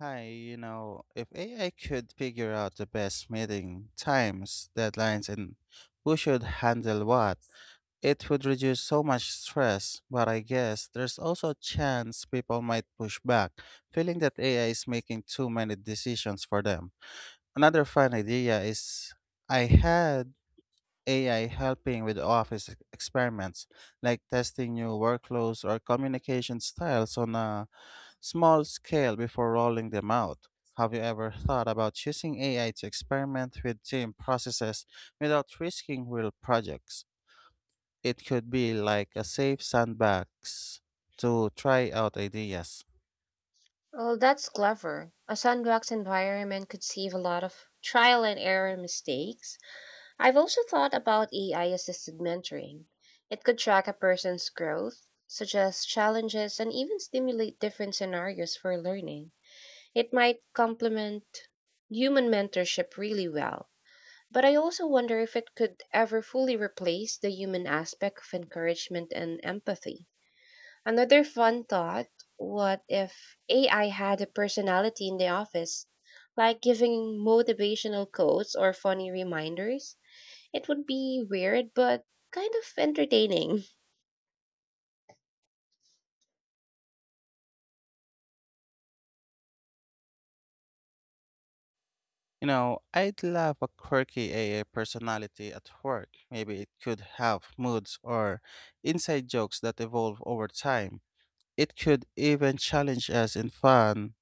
Hi, you know, if AI could figure out the best meeting times, deadlines, and who should handle what, it would reduce so much stress. But I guess there's also a chance people might push back, feeling that AI is making too many decisions for them. Another fun idea is I had AI helping with office experiments, like testing new workflows or communication styles on a small scale before rolling them out. Have you ever thought about using AI to experiment with team processes without risking real projects? It could be like a safe sandbox to try out ideas. Well, that's clever. A sandbox environment could save a lot of trial and error mistakes. I've also thought about AI assisted mentoring. It could track a person's growth, suggest challenges, and even stimulate different scenarios for learning. It might complement human mentorship really well. But I also wonder if it could ever fully replace the human aspect of encouragement and empathy. Another fun thought, what if AI had a personality in the office, like giving motivational quotes or funny reminders? It would be weird, but kind of entertaining. You know, I'd love a quirky AI personality at work. Maybe it could have moods or inside jokes that evolve over time. It could even challenge us in fun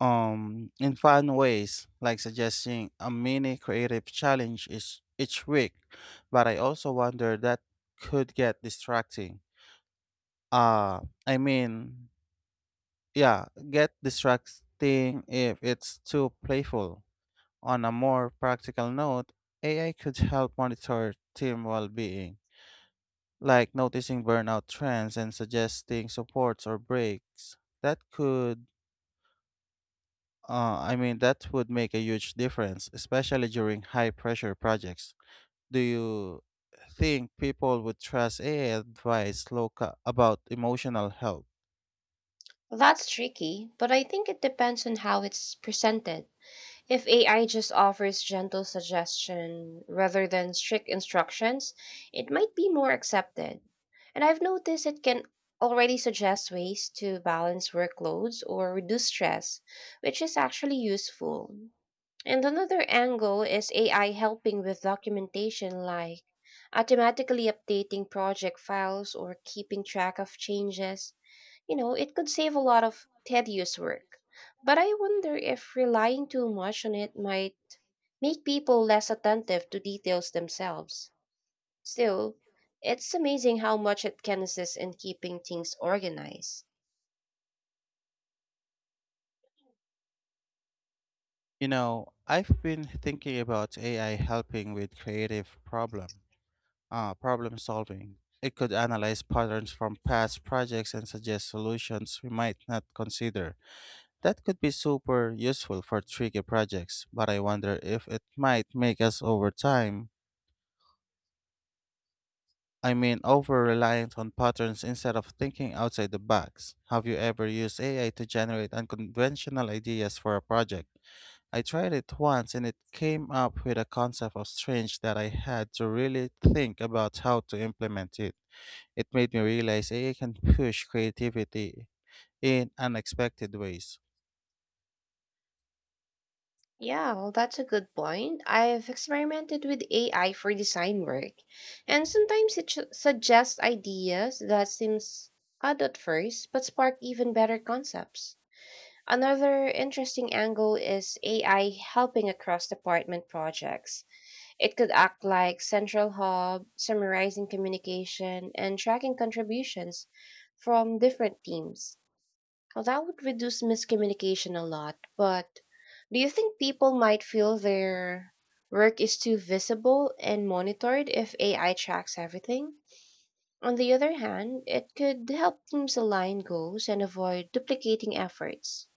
um in fun ways like suggesting a mini creative challenge each week, but I also wonder that could get distracting. uh i mean yeah, get distracting if it's too playful. On a more practical note, AI could help monitor team well-being, like noticing burnout trends and suggesting supports or breaks that could that would make a huge difference, especially during high pressure projects. Do you think people would trust AI advice local about emotional health? That's tricky, but I think it depends on how it's presented. If AI just offers gentle suggestion rather than strict instructions, it might be more accepted. And I've noticed it can already suggest ways to balance workloads or reduce stress, which is actually useful. And another angle is AI helping with documentation, like automatically updating project files or keeping track of changes, it could save a lot of tedious work. But I wonder if relying too much on it might make people less attentive to details themselves. Still, it's amazing how much it can assist in keeping things organized. You know, I've been thinking about AI helping with creative problem solving. It could analyze patterns from past projects and suggest solutions we might not consider. That could be super useful for tricky projects, but I wonder if it might make us over time I mean, over reliant on patterns instead of thinking outside the box. Have you ever used AI to generate unconventional ideas for a project? I tried it once and it came up with a concept of strange that I had to really think about how to implement it. It made me realize AI can push creativity in unexpected ways. Yeah, well, that's a good point. I've experimented with AI for design work, and sometimes suggests ideas that seems odd at first, but spark even better concepts. Another interesting angle is AI helping across department projects. It could act like central hub, summarizing communication and tracking contributions from different teams. Well, that would reduce miscommunication a lot, but do you think people might feel their work is too visible and monitored if AI tracks everything? On the other hand, it could help teams align goals and avoid duplicating efforts.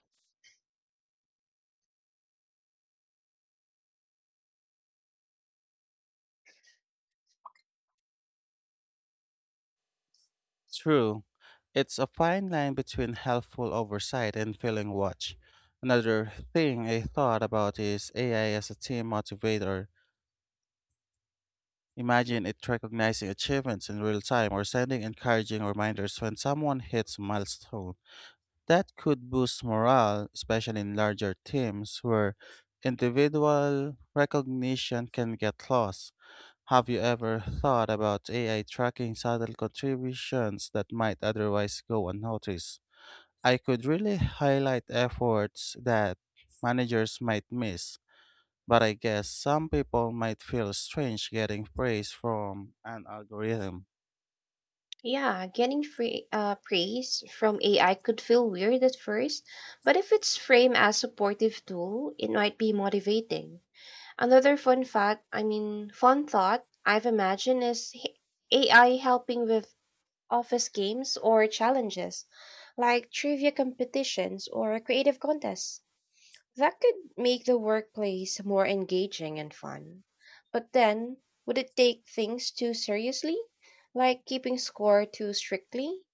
True, it's a fine line between helpful oversight and feeling watch. Another thing I thought about is AI as a team motivator. Imagine it recognizing achievements in real time or sending encouraging reminders when someone hits a milestone. That could boost morale, especially in larger teams where individual recognition can get lost. Have you ever thought about AI tracking subtle contributions that might otherwise go unnoticed? I could really highlight efforts that managers might miss. But I guess some people might feel strange getting praise from an algorithm. Yeah, getting free, praise from AI could feel weird at first, but if it's framed as supportive tool, it might be motivating. Another fun thought I've imagined is AI helping with office games or challenges, like trivia competitions or creative contests. That could make the workplace more engaging and fun. But then, would it take things too seriously? Like keeping score too strictly?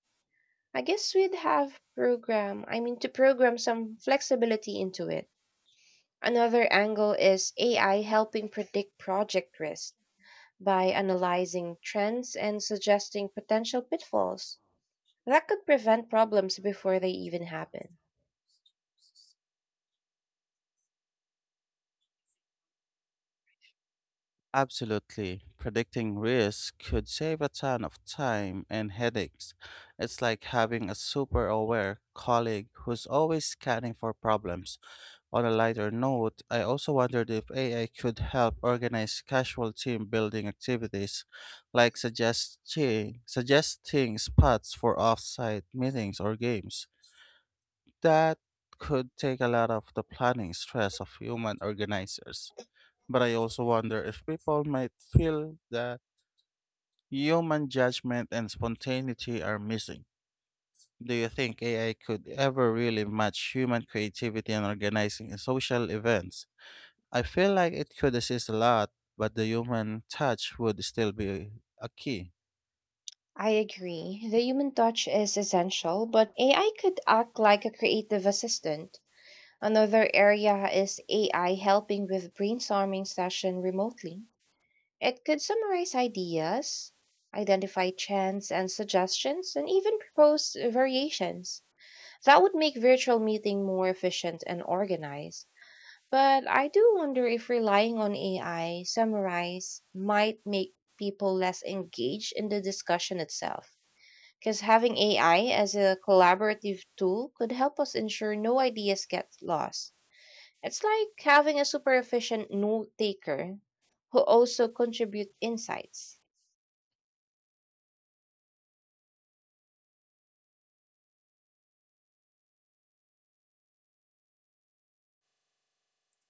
I guess we'd have to program some flexibility into it. Another angle is AI helping predict project risk by analyzing trends and suggesting potential pitfalls. That could prevent problems before they even happen. Absolutely. Predicting risk could save a ton of time and headaches. It's like having a super aware colleague who's always scanning for problems. On a lighter note, I also wondered if AI could help organize casual team building activities, like suggesting spots for off site meetings or games. That could take a lot of the planning stress of human organizers. But I also wonder if people might feel that human judgment and spontaneity are missing. Do you think AI could ever really match human creativity in organizing social events? I feel like it could assist a lot, but the human touch would still be a key. I agree. The human touch is essential, but AI could act like a creative assistant. Another area is AI helping with brainstorming session remotely. It could summarize ideas, identify trends and suggestions, and even propose variations. That would make virtual meeting more efficient and organized. But I do wonder if relying on AI summarize might make people less engaged in the discussion itself. Because having AI as a collaborative tool could help us ensure no ideas get lost. It's like having a super efficient note taker who also contribute insights.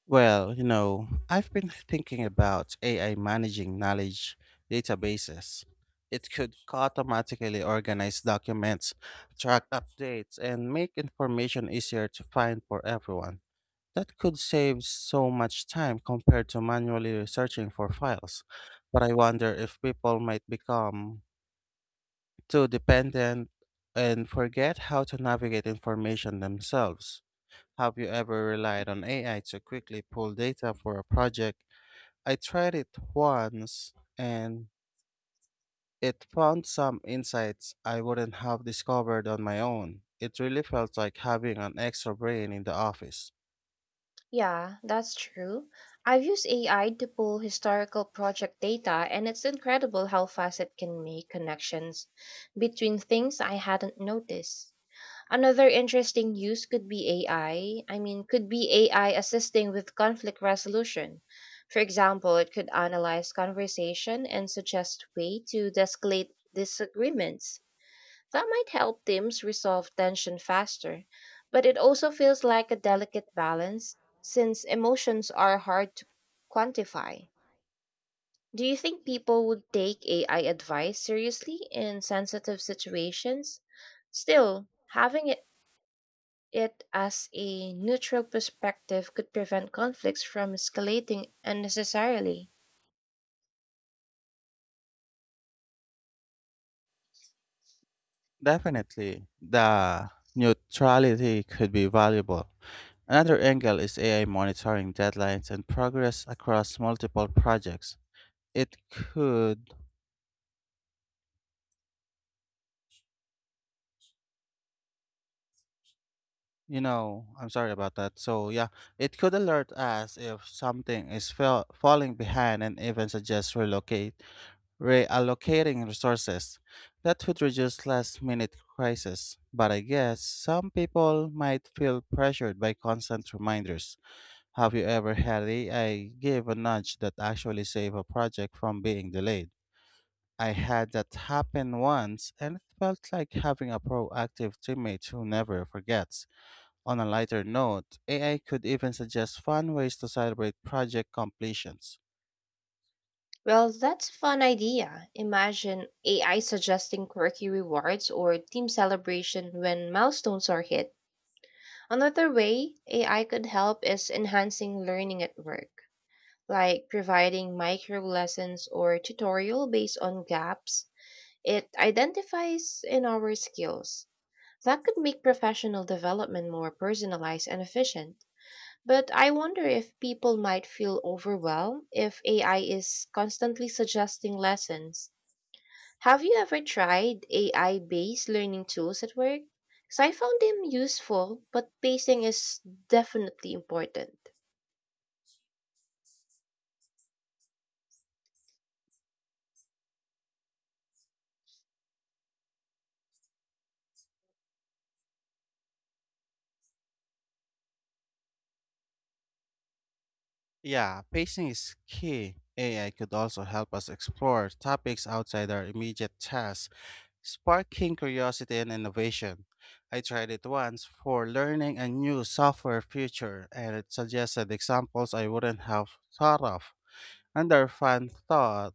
Well, you know, I've been thinking about AI managing knowledge databases. It could automatically organize documents, track updates, and make information easier to find for everyone. That could save so much time compared to manually searching for files. But I wonder if people might become too dependent and forget how to navigate information themselves. Have you ever relied on AI to quickly pull data for a project? I tried it once and it found some insights I wouldn't have discovered on my own. It really felt like having an extra brain in the office. Yeah, that's true. I've used AI to pull historical project data, and it's incredible how fast it can make connections between things I hadn't noticed. Another interesting use could be AI. I I mean, could be AI assisting with conflict resolution. For example, it could analyze conversation and suggest way to escalate disagreements. That might help teams resolve tension faster, but it also feels like a delicate balance since emotions are hard to quantify. Do you think people would take AI advice seriously in sensitive situations? Still, having it as a neutral perspective could prevent conflicts from escalating unnecessarily. Definitely, the neutrality could be valuable. Another angle is AI monitoring deadlines and progress across multiple projects. It could You know, I'm sorry about that. So, yeah, it could alert us if something is fell falling behind and even suggest reallocating resources. That would reduce last minute crisis. But I guess some people might feel pressured by constant reminders. Have you ever had AI give a nudge that actually saved a project from being delayed? I had that happen once, and it felt like having a proactive teammate who never forgets. On a lighter note, AI could even suggest fun ways to celebrate project completions. Well, that's a fun idea. Imagine AI suggesting quirky rewards or team celebration when milestones are hit. Another way AI could help is enhancing learning at work, like providing micro lessons or tutorial based on gaps it identifies in our skills. That could make professional development more personalized and efficient. But I wonder if people might feel overwhelmed if AI is constantly suggesting lessons. Have you ever tried AI based learning tools at work? Because I found them useful, but pacing is definitely important. Yeah, pacing is key. AI could also help us explore topics outside our immediate tasks, sparking curiosity and innovation. I tried it once for learning a new software feature, and it suggested examples I wouldn't have thought of. Another fun thought,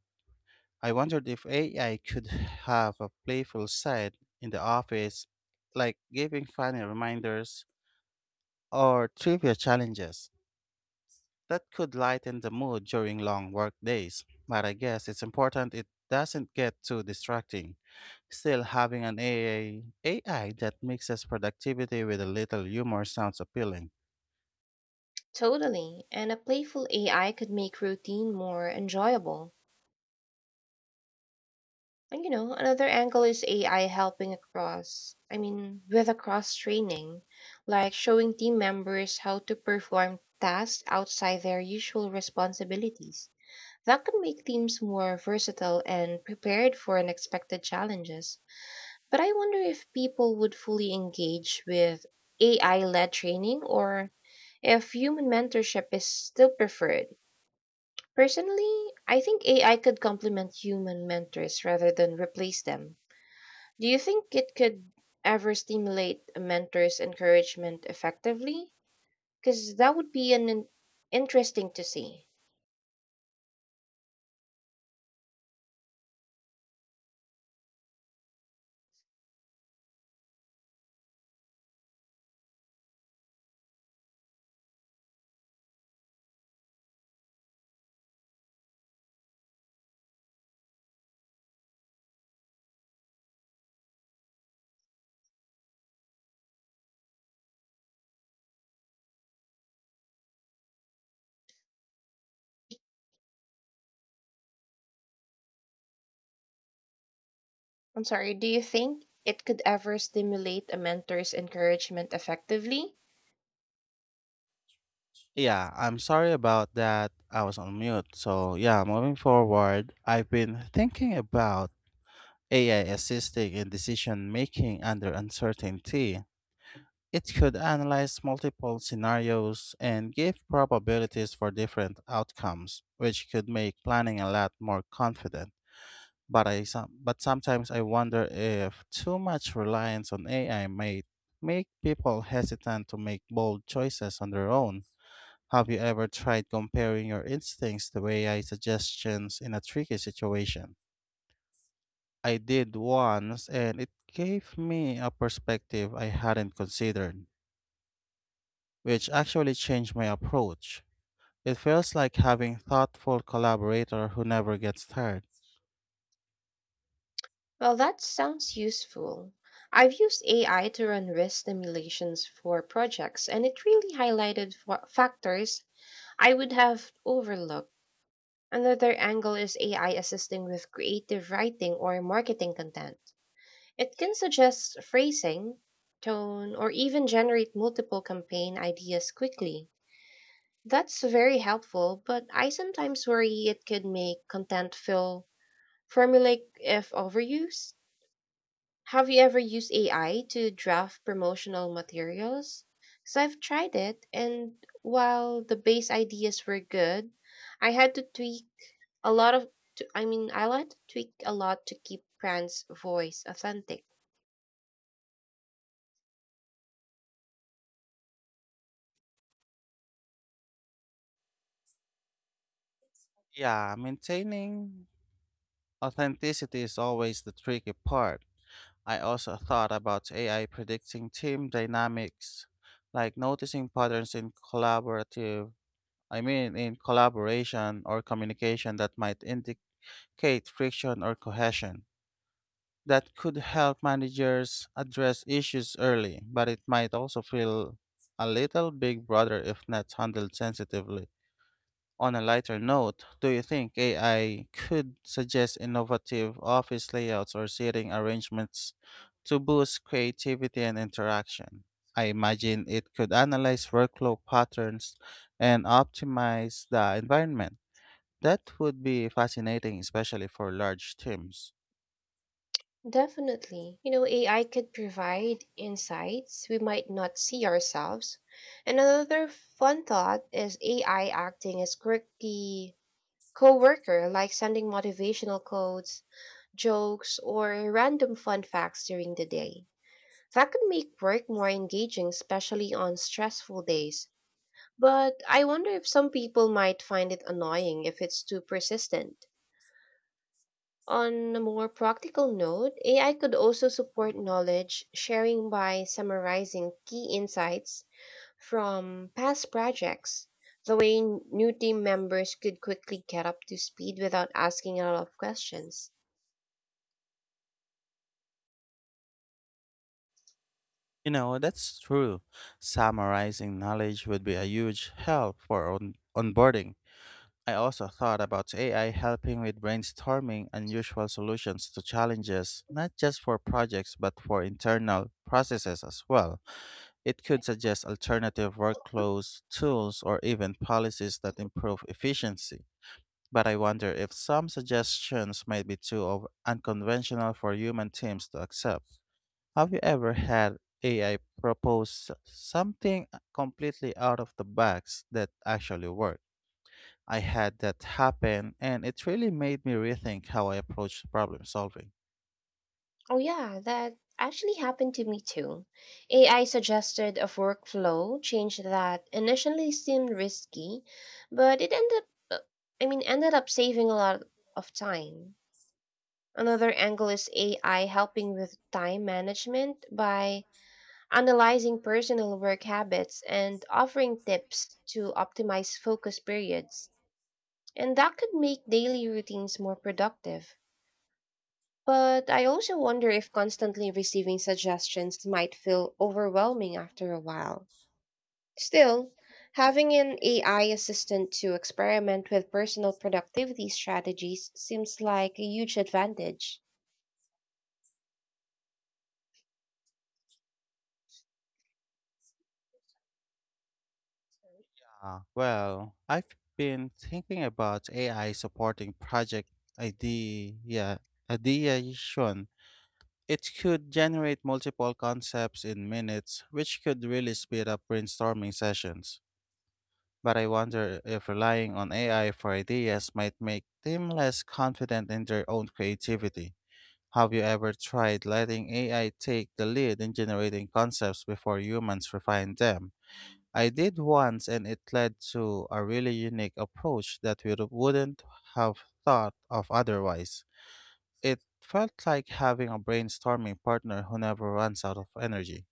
I wondered if AI could have a playful side in the office, like giving funny reminders or trivia challenges. That could lighten the mood during long work days, but I guess it's important it doesn't get too distracting. Still, having an AI that mixes productivity with a little humor sounds appealing. Totally, and a playful AI could make routine more enjoyable. And you know, another angle is AI helping with across training, like showing team members how to perform tasks outside their usual responsibilities. That can make teams more versatile and prepared for unexpected challenges. But I wonder if people would fully engage with AI led training or if human mentorship is still preferred. Personally, I think AI could complement human mentors rather than replace them. Do you think it could ever stimulate a mentor's encouragement effectively? Because that would be an interesting to see. I'm sorry, do you think it could ever stimulate a mentor's encouragement effectively? Yeah, I'm sorry about that. I was on mute. So, yeah, moving forward, I've been thinking about AI assisting in decision making under uncertainty. It could analyze multiple scenarios and give probabilities for different outcomes, which could make planning a lot more confident. But sometimes I wonder if too much reliance on AI may make people hesitant to make bold choices on their own. Have you ever tried comparing your instincts to AI suggestions in a tricky situation? I did once, and it gave me a perspective I hadn't considered, which actually changed my approach. It feels like having thoughtful collaborator who never gets tired. Well, that sounds useful. I've used AI to run risk simulations for projects, and it really highlighted factors I would have overlooked. Another angle is AI assisting with creative writing or marketing content. It can suggest phrasing, tone, or even generate multiple campaign ideas quickly. That's very helpful, but I sometimes worry it could make content feel formulaic if overused. Have you ever used AI to draft promotional materials? Because I've tried it, and while the base ideas were good, I had to tweak a lot of, to, I mean, I had to tweak a lot to keep brand's voice authentic. Yeah, maintaining authenticity is always the tricky part. I also thought about AI predicting team dynamics, like noticing patterns in collaborative, I mean in collaboration or communication that might indicate friction or cohesion. That could help managers address issues early, but it might also feel a little big brother if not handled sensitively. On a lighter note, do you think AI could suggest innovative office layouts or seating arrangements to boost creativity and interaction? I imagine it could analyze workflow patterns and optimize the environment. That would be fascinating, especially for large teams. Definitely. You know, AI could provide insights we might not see ourselves. And another fun thought is AI acting as quirky coworker, like sending motivational quotes, jokes, or random fun facts during the day. That could make work more engaging, especially on stressful days. But I wonder if some people might find it annoying if it's too persistent. On a more practical note, AI could also support knowledge sharing by summarizing key insights from past projects, the way new team members could quickly get up to speed without asking a lot of questions. You know, that's true. Summarizing knowledge would be a huge help for onboarding. I also thought about AI helping with brainstorming unusual solutions to challenges, not just for projects but for internal processes as well. It could suggest alternative workflows, tools, or even policies that improve efficiency. But I wonder if some suggestions might be too unconventional for human teams to accept. Have you ever had AI propose something completely out of the box that actually worked? I had that happen and it really made me rethink how I approach problem solving. Oh, yeah, that actually happened to me too. AI suggested a workflow change that initially seemed risky, but it up, ended up saving a lot of time. Another angle is AI helping with time management by analyzing personal work habits and offering tips to optimize focus periods. And that could make daily routines more productive. But I also wonder if constantly receiving suggestions might feel overwhelming after a while. Still, having an AI assistant to experiment with personal productivity strategies seems like a huge advantage. Well, I've been thinking about AI supporting project idea ideation. It could generate multiple concepts in minutes, which could really speed up brainstorming sessions. But I wonder if relying on AI for ideas might make them less confident in their own creativity. Have you ever tried letting AI take the lead in generating concepts before humans refine them? I did once, and it led to a really unique approach that we wouldn't have thought of otherwise. It felt like having a brainstorming partner who never runs out of energy.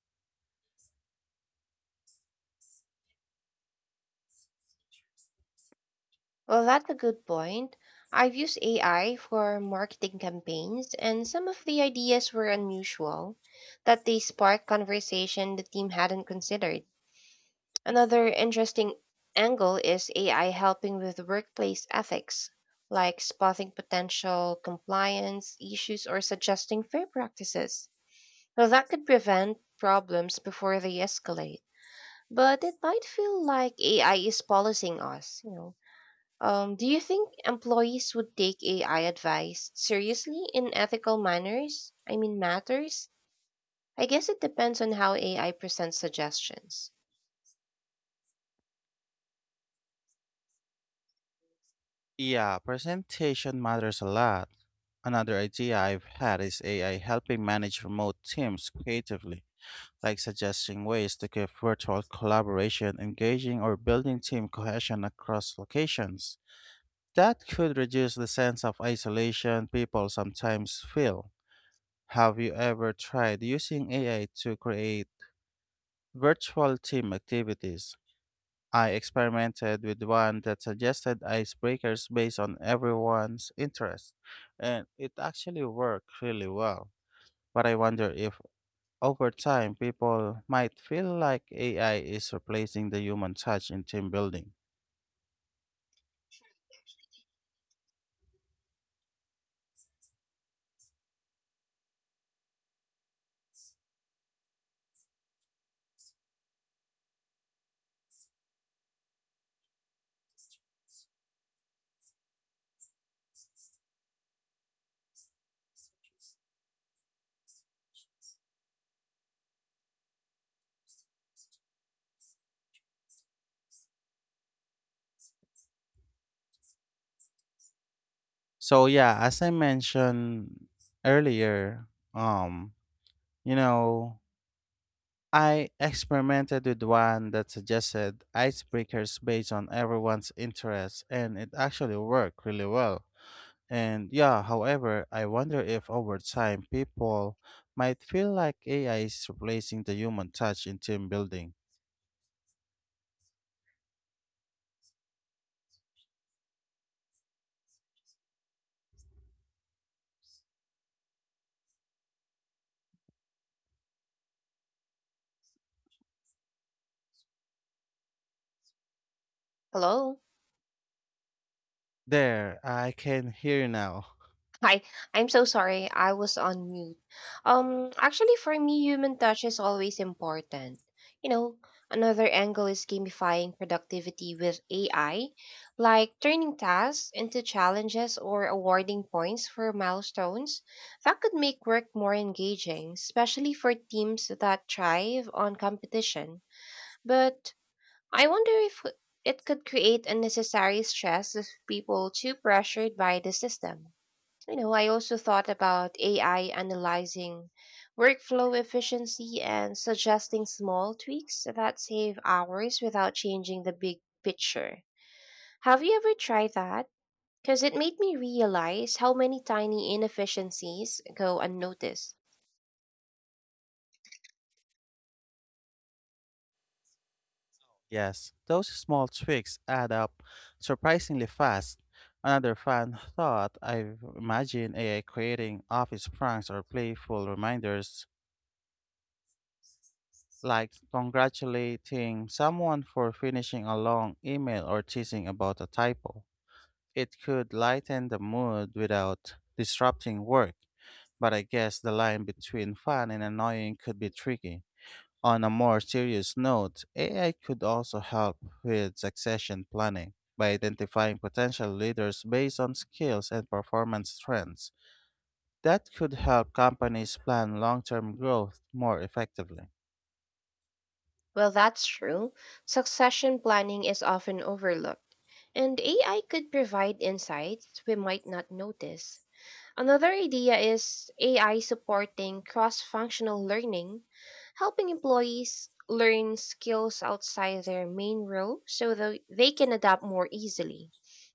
Well, that's a good point. I've used AI for marketing campaigns, and some of the ideas were unusual, that they sparked conversation the team hadn't considered. Another interesting angle is AI helping with workplace ethics, like spotting potential compliance issues or suggesting fair practices. Well, that could prevent problems before they escalate. But it might feel like AI is policing us, you know, do you think employees would take AI advice seriously in ethical matters? I guess it depends on how AI presents suggestions. Yeah, presentation matters a lot. Another idea I've had is AI helping manage remote teams creatively, like suggesting ways to keep virtual collaboration engaging or building team cohesion across locations. That could reduce the sense of isolation people sometimes feel. Have you ever tried using AI to create virtual team activities? I experimented with one that suggested icebreakers based on everyone's interest, and it actually worked really well. But I wonder if over time people might feel like AI is replacing the human touch in team building. So yeah, as I mentioned earlier, um, you know, I experimented with one that suggested icebreakers based on everyone's interests and it actually worked really well. And yeah, however, I wonder if over time people might feel like AI is replacing the human touch in team building. Hello? There, I can hear you now. Hi, I'm so sorry. I was on mute. Actually, for me, human touch is always important. You know, another angle is gamifying productivity with AI, like turning tasks into challenges or awarding points for milestones. That could make work more engaging, especially for teams that thrive on competition. But I wonder if it could create unnecessary stress if people too pressured by the system. You know, I also thought about AI analyzing workflow efficiency and suggesting small tweaks that save hours without changing the big picture. Have you ever tried that? Because it made me realize how many tiny inefficiencies go unnoticed. Yes, those small tweaks add up surprisingly fast. Another fun thought, I've imagined AI creating office pranks or playful reminders like congratulating someone for finishing a long email or teasing about a typo. It could lighten the mood without disrupting work, but I guess the line between fun and annoying could be tricky. On a more serious note, AI could also help with succession planning by identifying potential leaders based on skills and performance trends. That could help companies plan long term growth more effectively. Well, that's true. Succession planning is often overlooked, and AI could provide insights we might not notice. Another idea is AI supporting cross functional learning, helping employees learn skills outside their main role so that they can adapt more easily.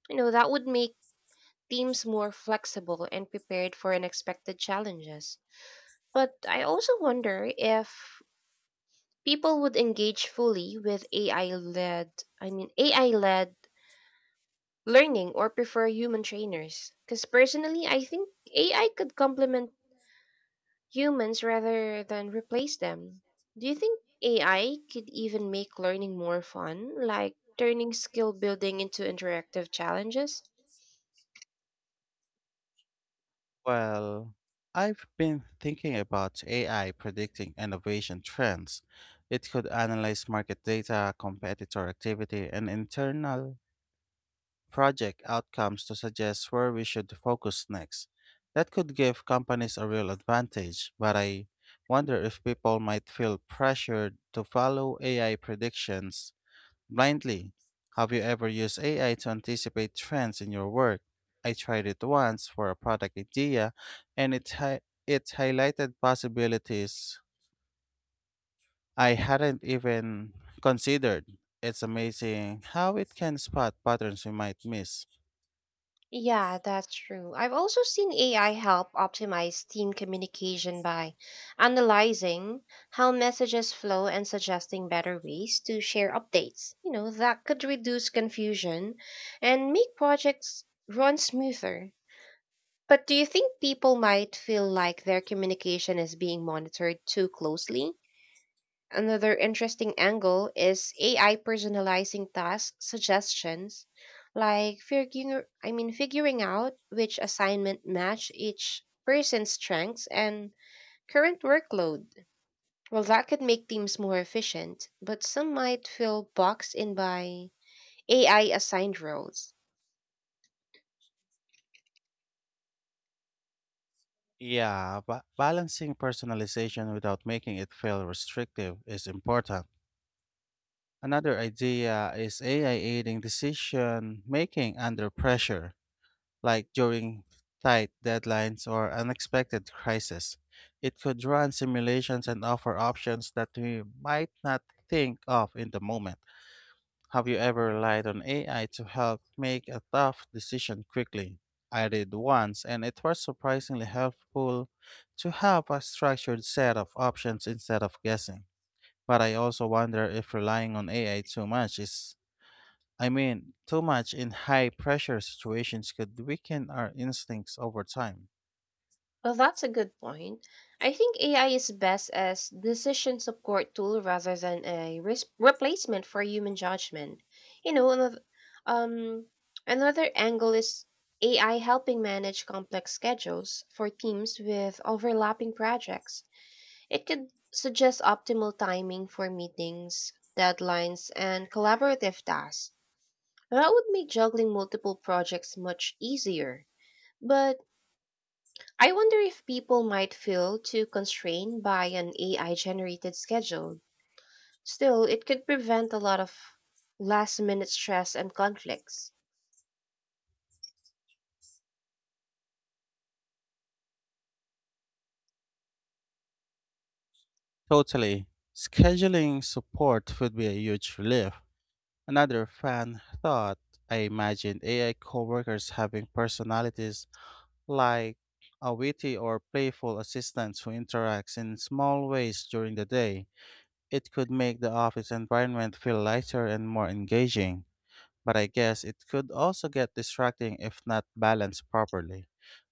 You know, that would make teams more flexible and prepared for unexpected challenges. But I also wonder if people would engage fully with AI led learning or prefer human trainers. Because personally, I think AI could complement humans rather than replace them. Do you think AI could even make learning more fun, like turning skill building into interactive challenges? Well, I've been thinking about AI predicting innovation trends. It could analyze market data, competitor activity, and internal project outcomes to suggest where we should focus next. That could give companies a real advantage, but I wonder if people might feel pressured to follow AI predictions blindly. Have you ever used AI to anticipate trends in your work? I tried it once for a product idea, and it highlighted possibilities I hadn't even considered. It's amazing how it can spot patterns we might miss. Yeah, that's true. I've also seen AI help optimize team communication by analyzing how messages flow and suggesting better ways to share updates. You know, that could reduce confusion and make projects run smoother. But do you think people might feel like their communication is being monitored too closely? Another interesting angle is AI personalizing task suggestions, like figuring I mean figuring out which assignment match each person's strengths and current workload. Well, that could make teams more efficient, but some might feel boxed in by AI assigned roles. Yeah, but balancing personalization without making it feel restrictive is important. Another idea is AI aiding decision making under pressure, like during tight deadlines or unexpected crises. It could run simulations and offer options that we might not think of in the moment. Have you ever relied on AI to help make a tough decision quickly? I did once, and it was surprisingly helpful to have a structured set of options instead of guessing. But I also wonder if relying on AI too much is, I mean, too much in high pressure situations could weaken our instincts over time. Well, that's a good point. I think AI is best as decision support tool rather than a replacement for human judgment. You know, um, another angle is AI helping manage complex schedules for teams with overlapping projects. It could suggest optimal timing for meetings, deadlines, and collaborative tasks. That would make juggling multiple projects much easier. But I wonder if people might feel too constrained by an AI generated schedule. Still, it could prevent a lot of last minute stress and conflicts. Totally. Scheduling support would be a huge relief. Another fan thought, I imagined AI coworkers having personalities like a witty or playful assistant who interacts in small ways during the day. It could make the office environment feel lighter and more engaging, but I guess it could also get distracting if not balanced properly.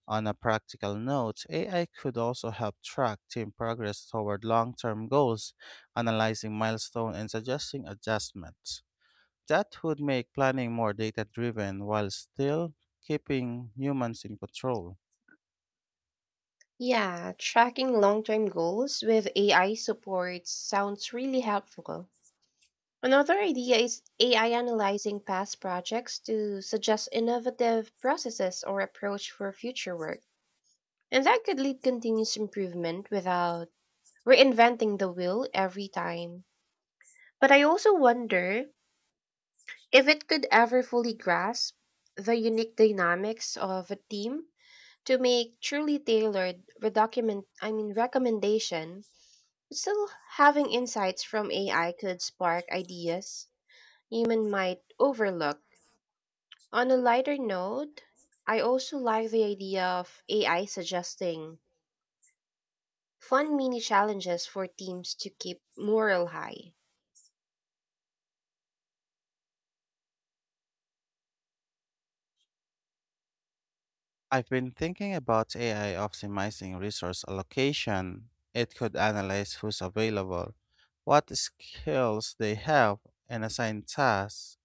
On a practical note, AI could also help track team progress toward long term goals, analyzing milestones and suggesting adjustments. That would make planning more data driven while still keeping humans in control. Yeah, tracking long term goals with AI support sounds really helpful. Another idea is AI analyzing past projects to suggest innovative processes or approach for future work. And that could lead continuous improvement without reinventing the wheel every time. But I also wonder if it could ever fully grasp the unique dynamics of a team to make truly tailored redocument I mean recommendation, still having insights from AI could spark ideas human might overlook. On a lighter note, I also like the idea of AI suggesting fun mini challenges for teams to keep morale high. I've been thinking about AI optimizing resource allocation. It could analyze who's available, what skills they have, and assign tasks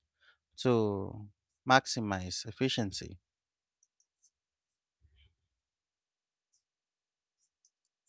to maximize efficiency.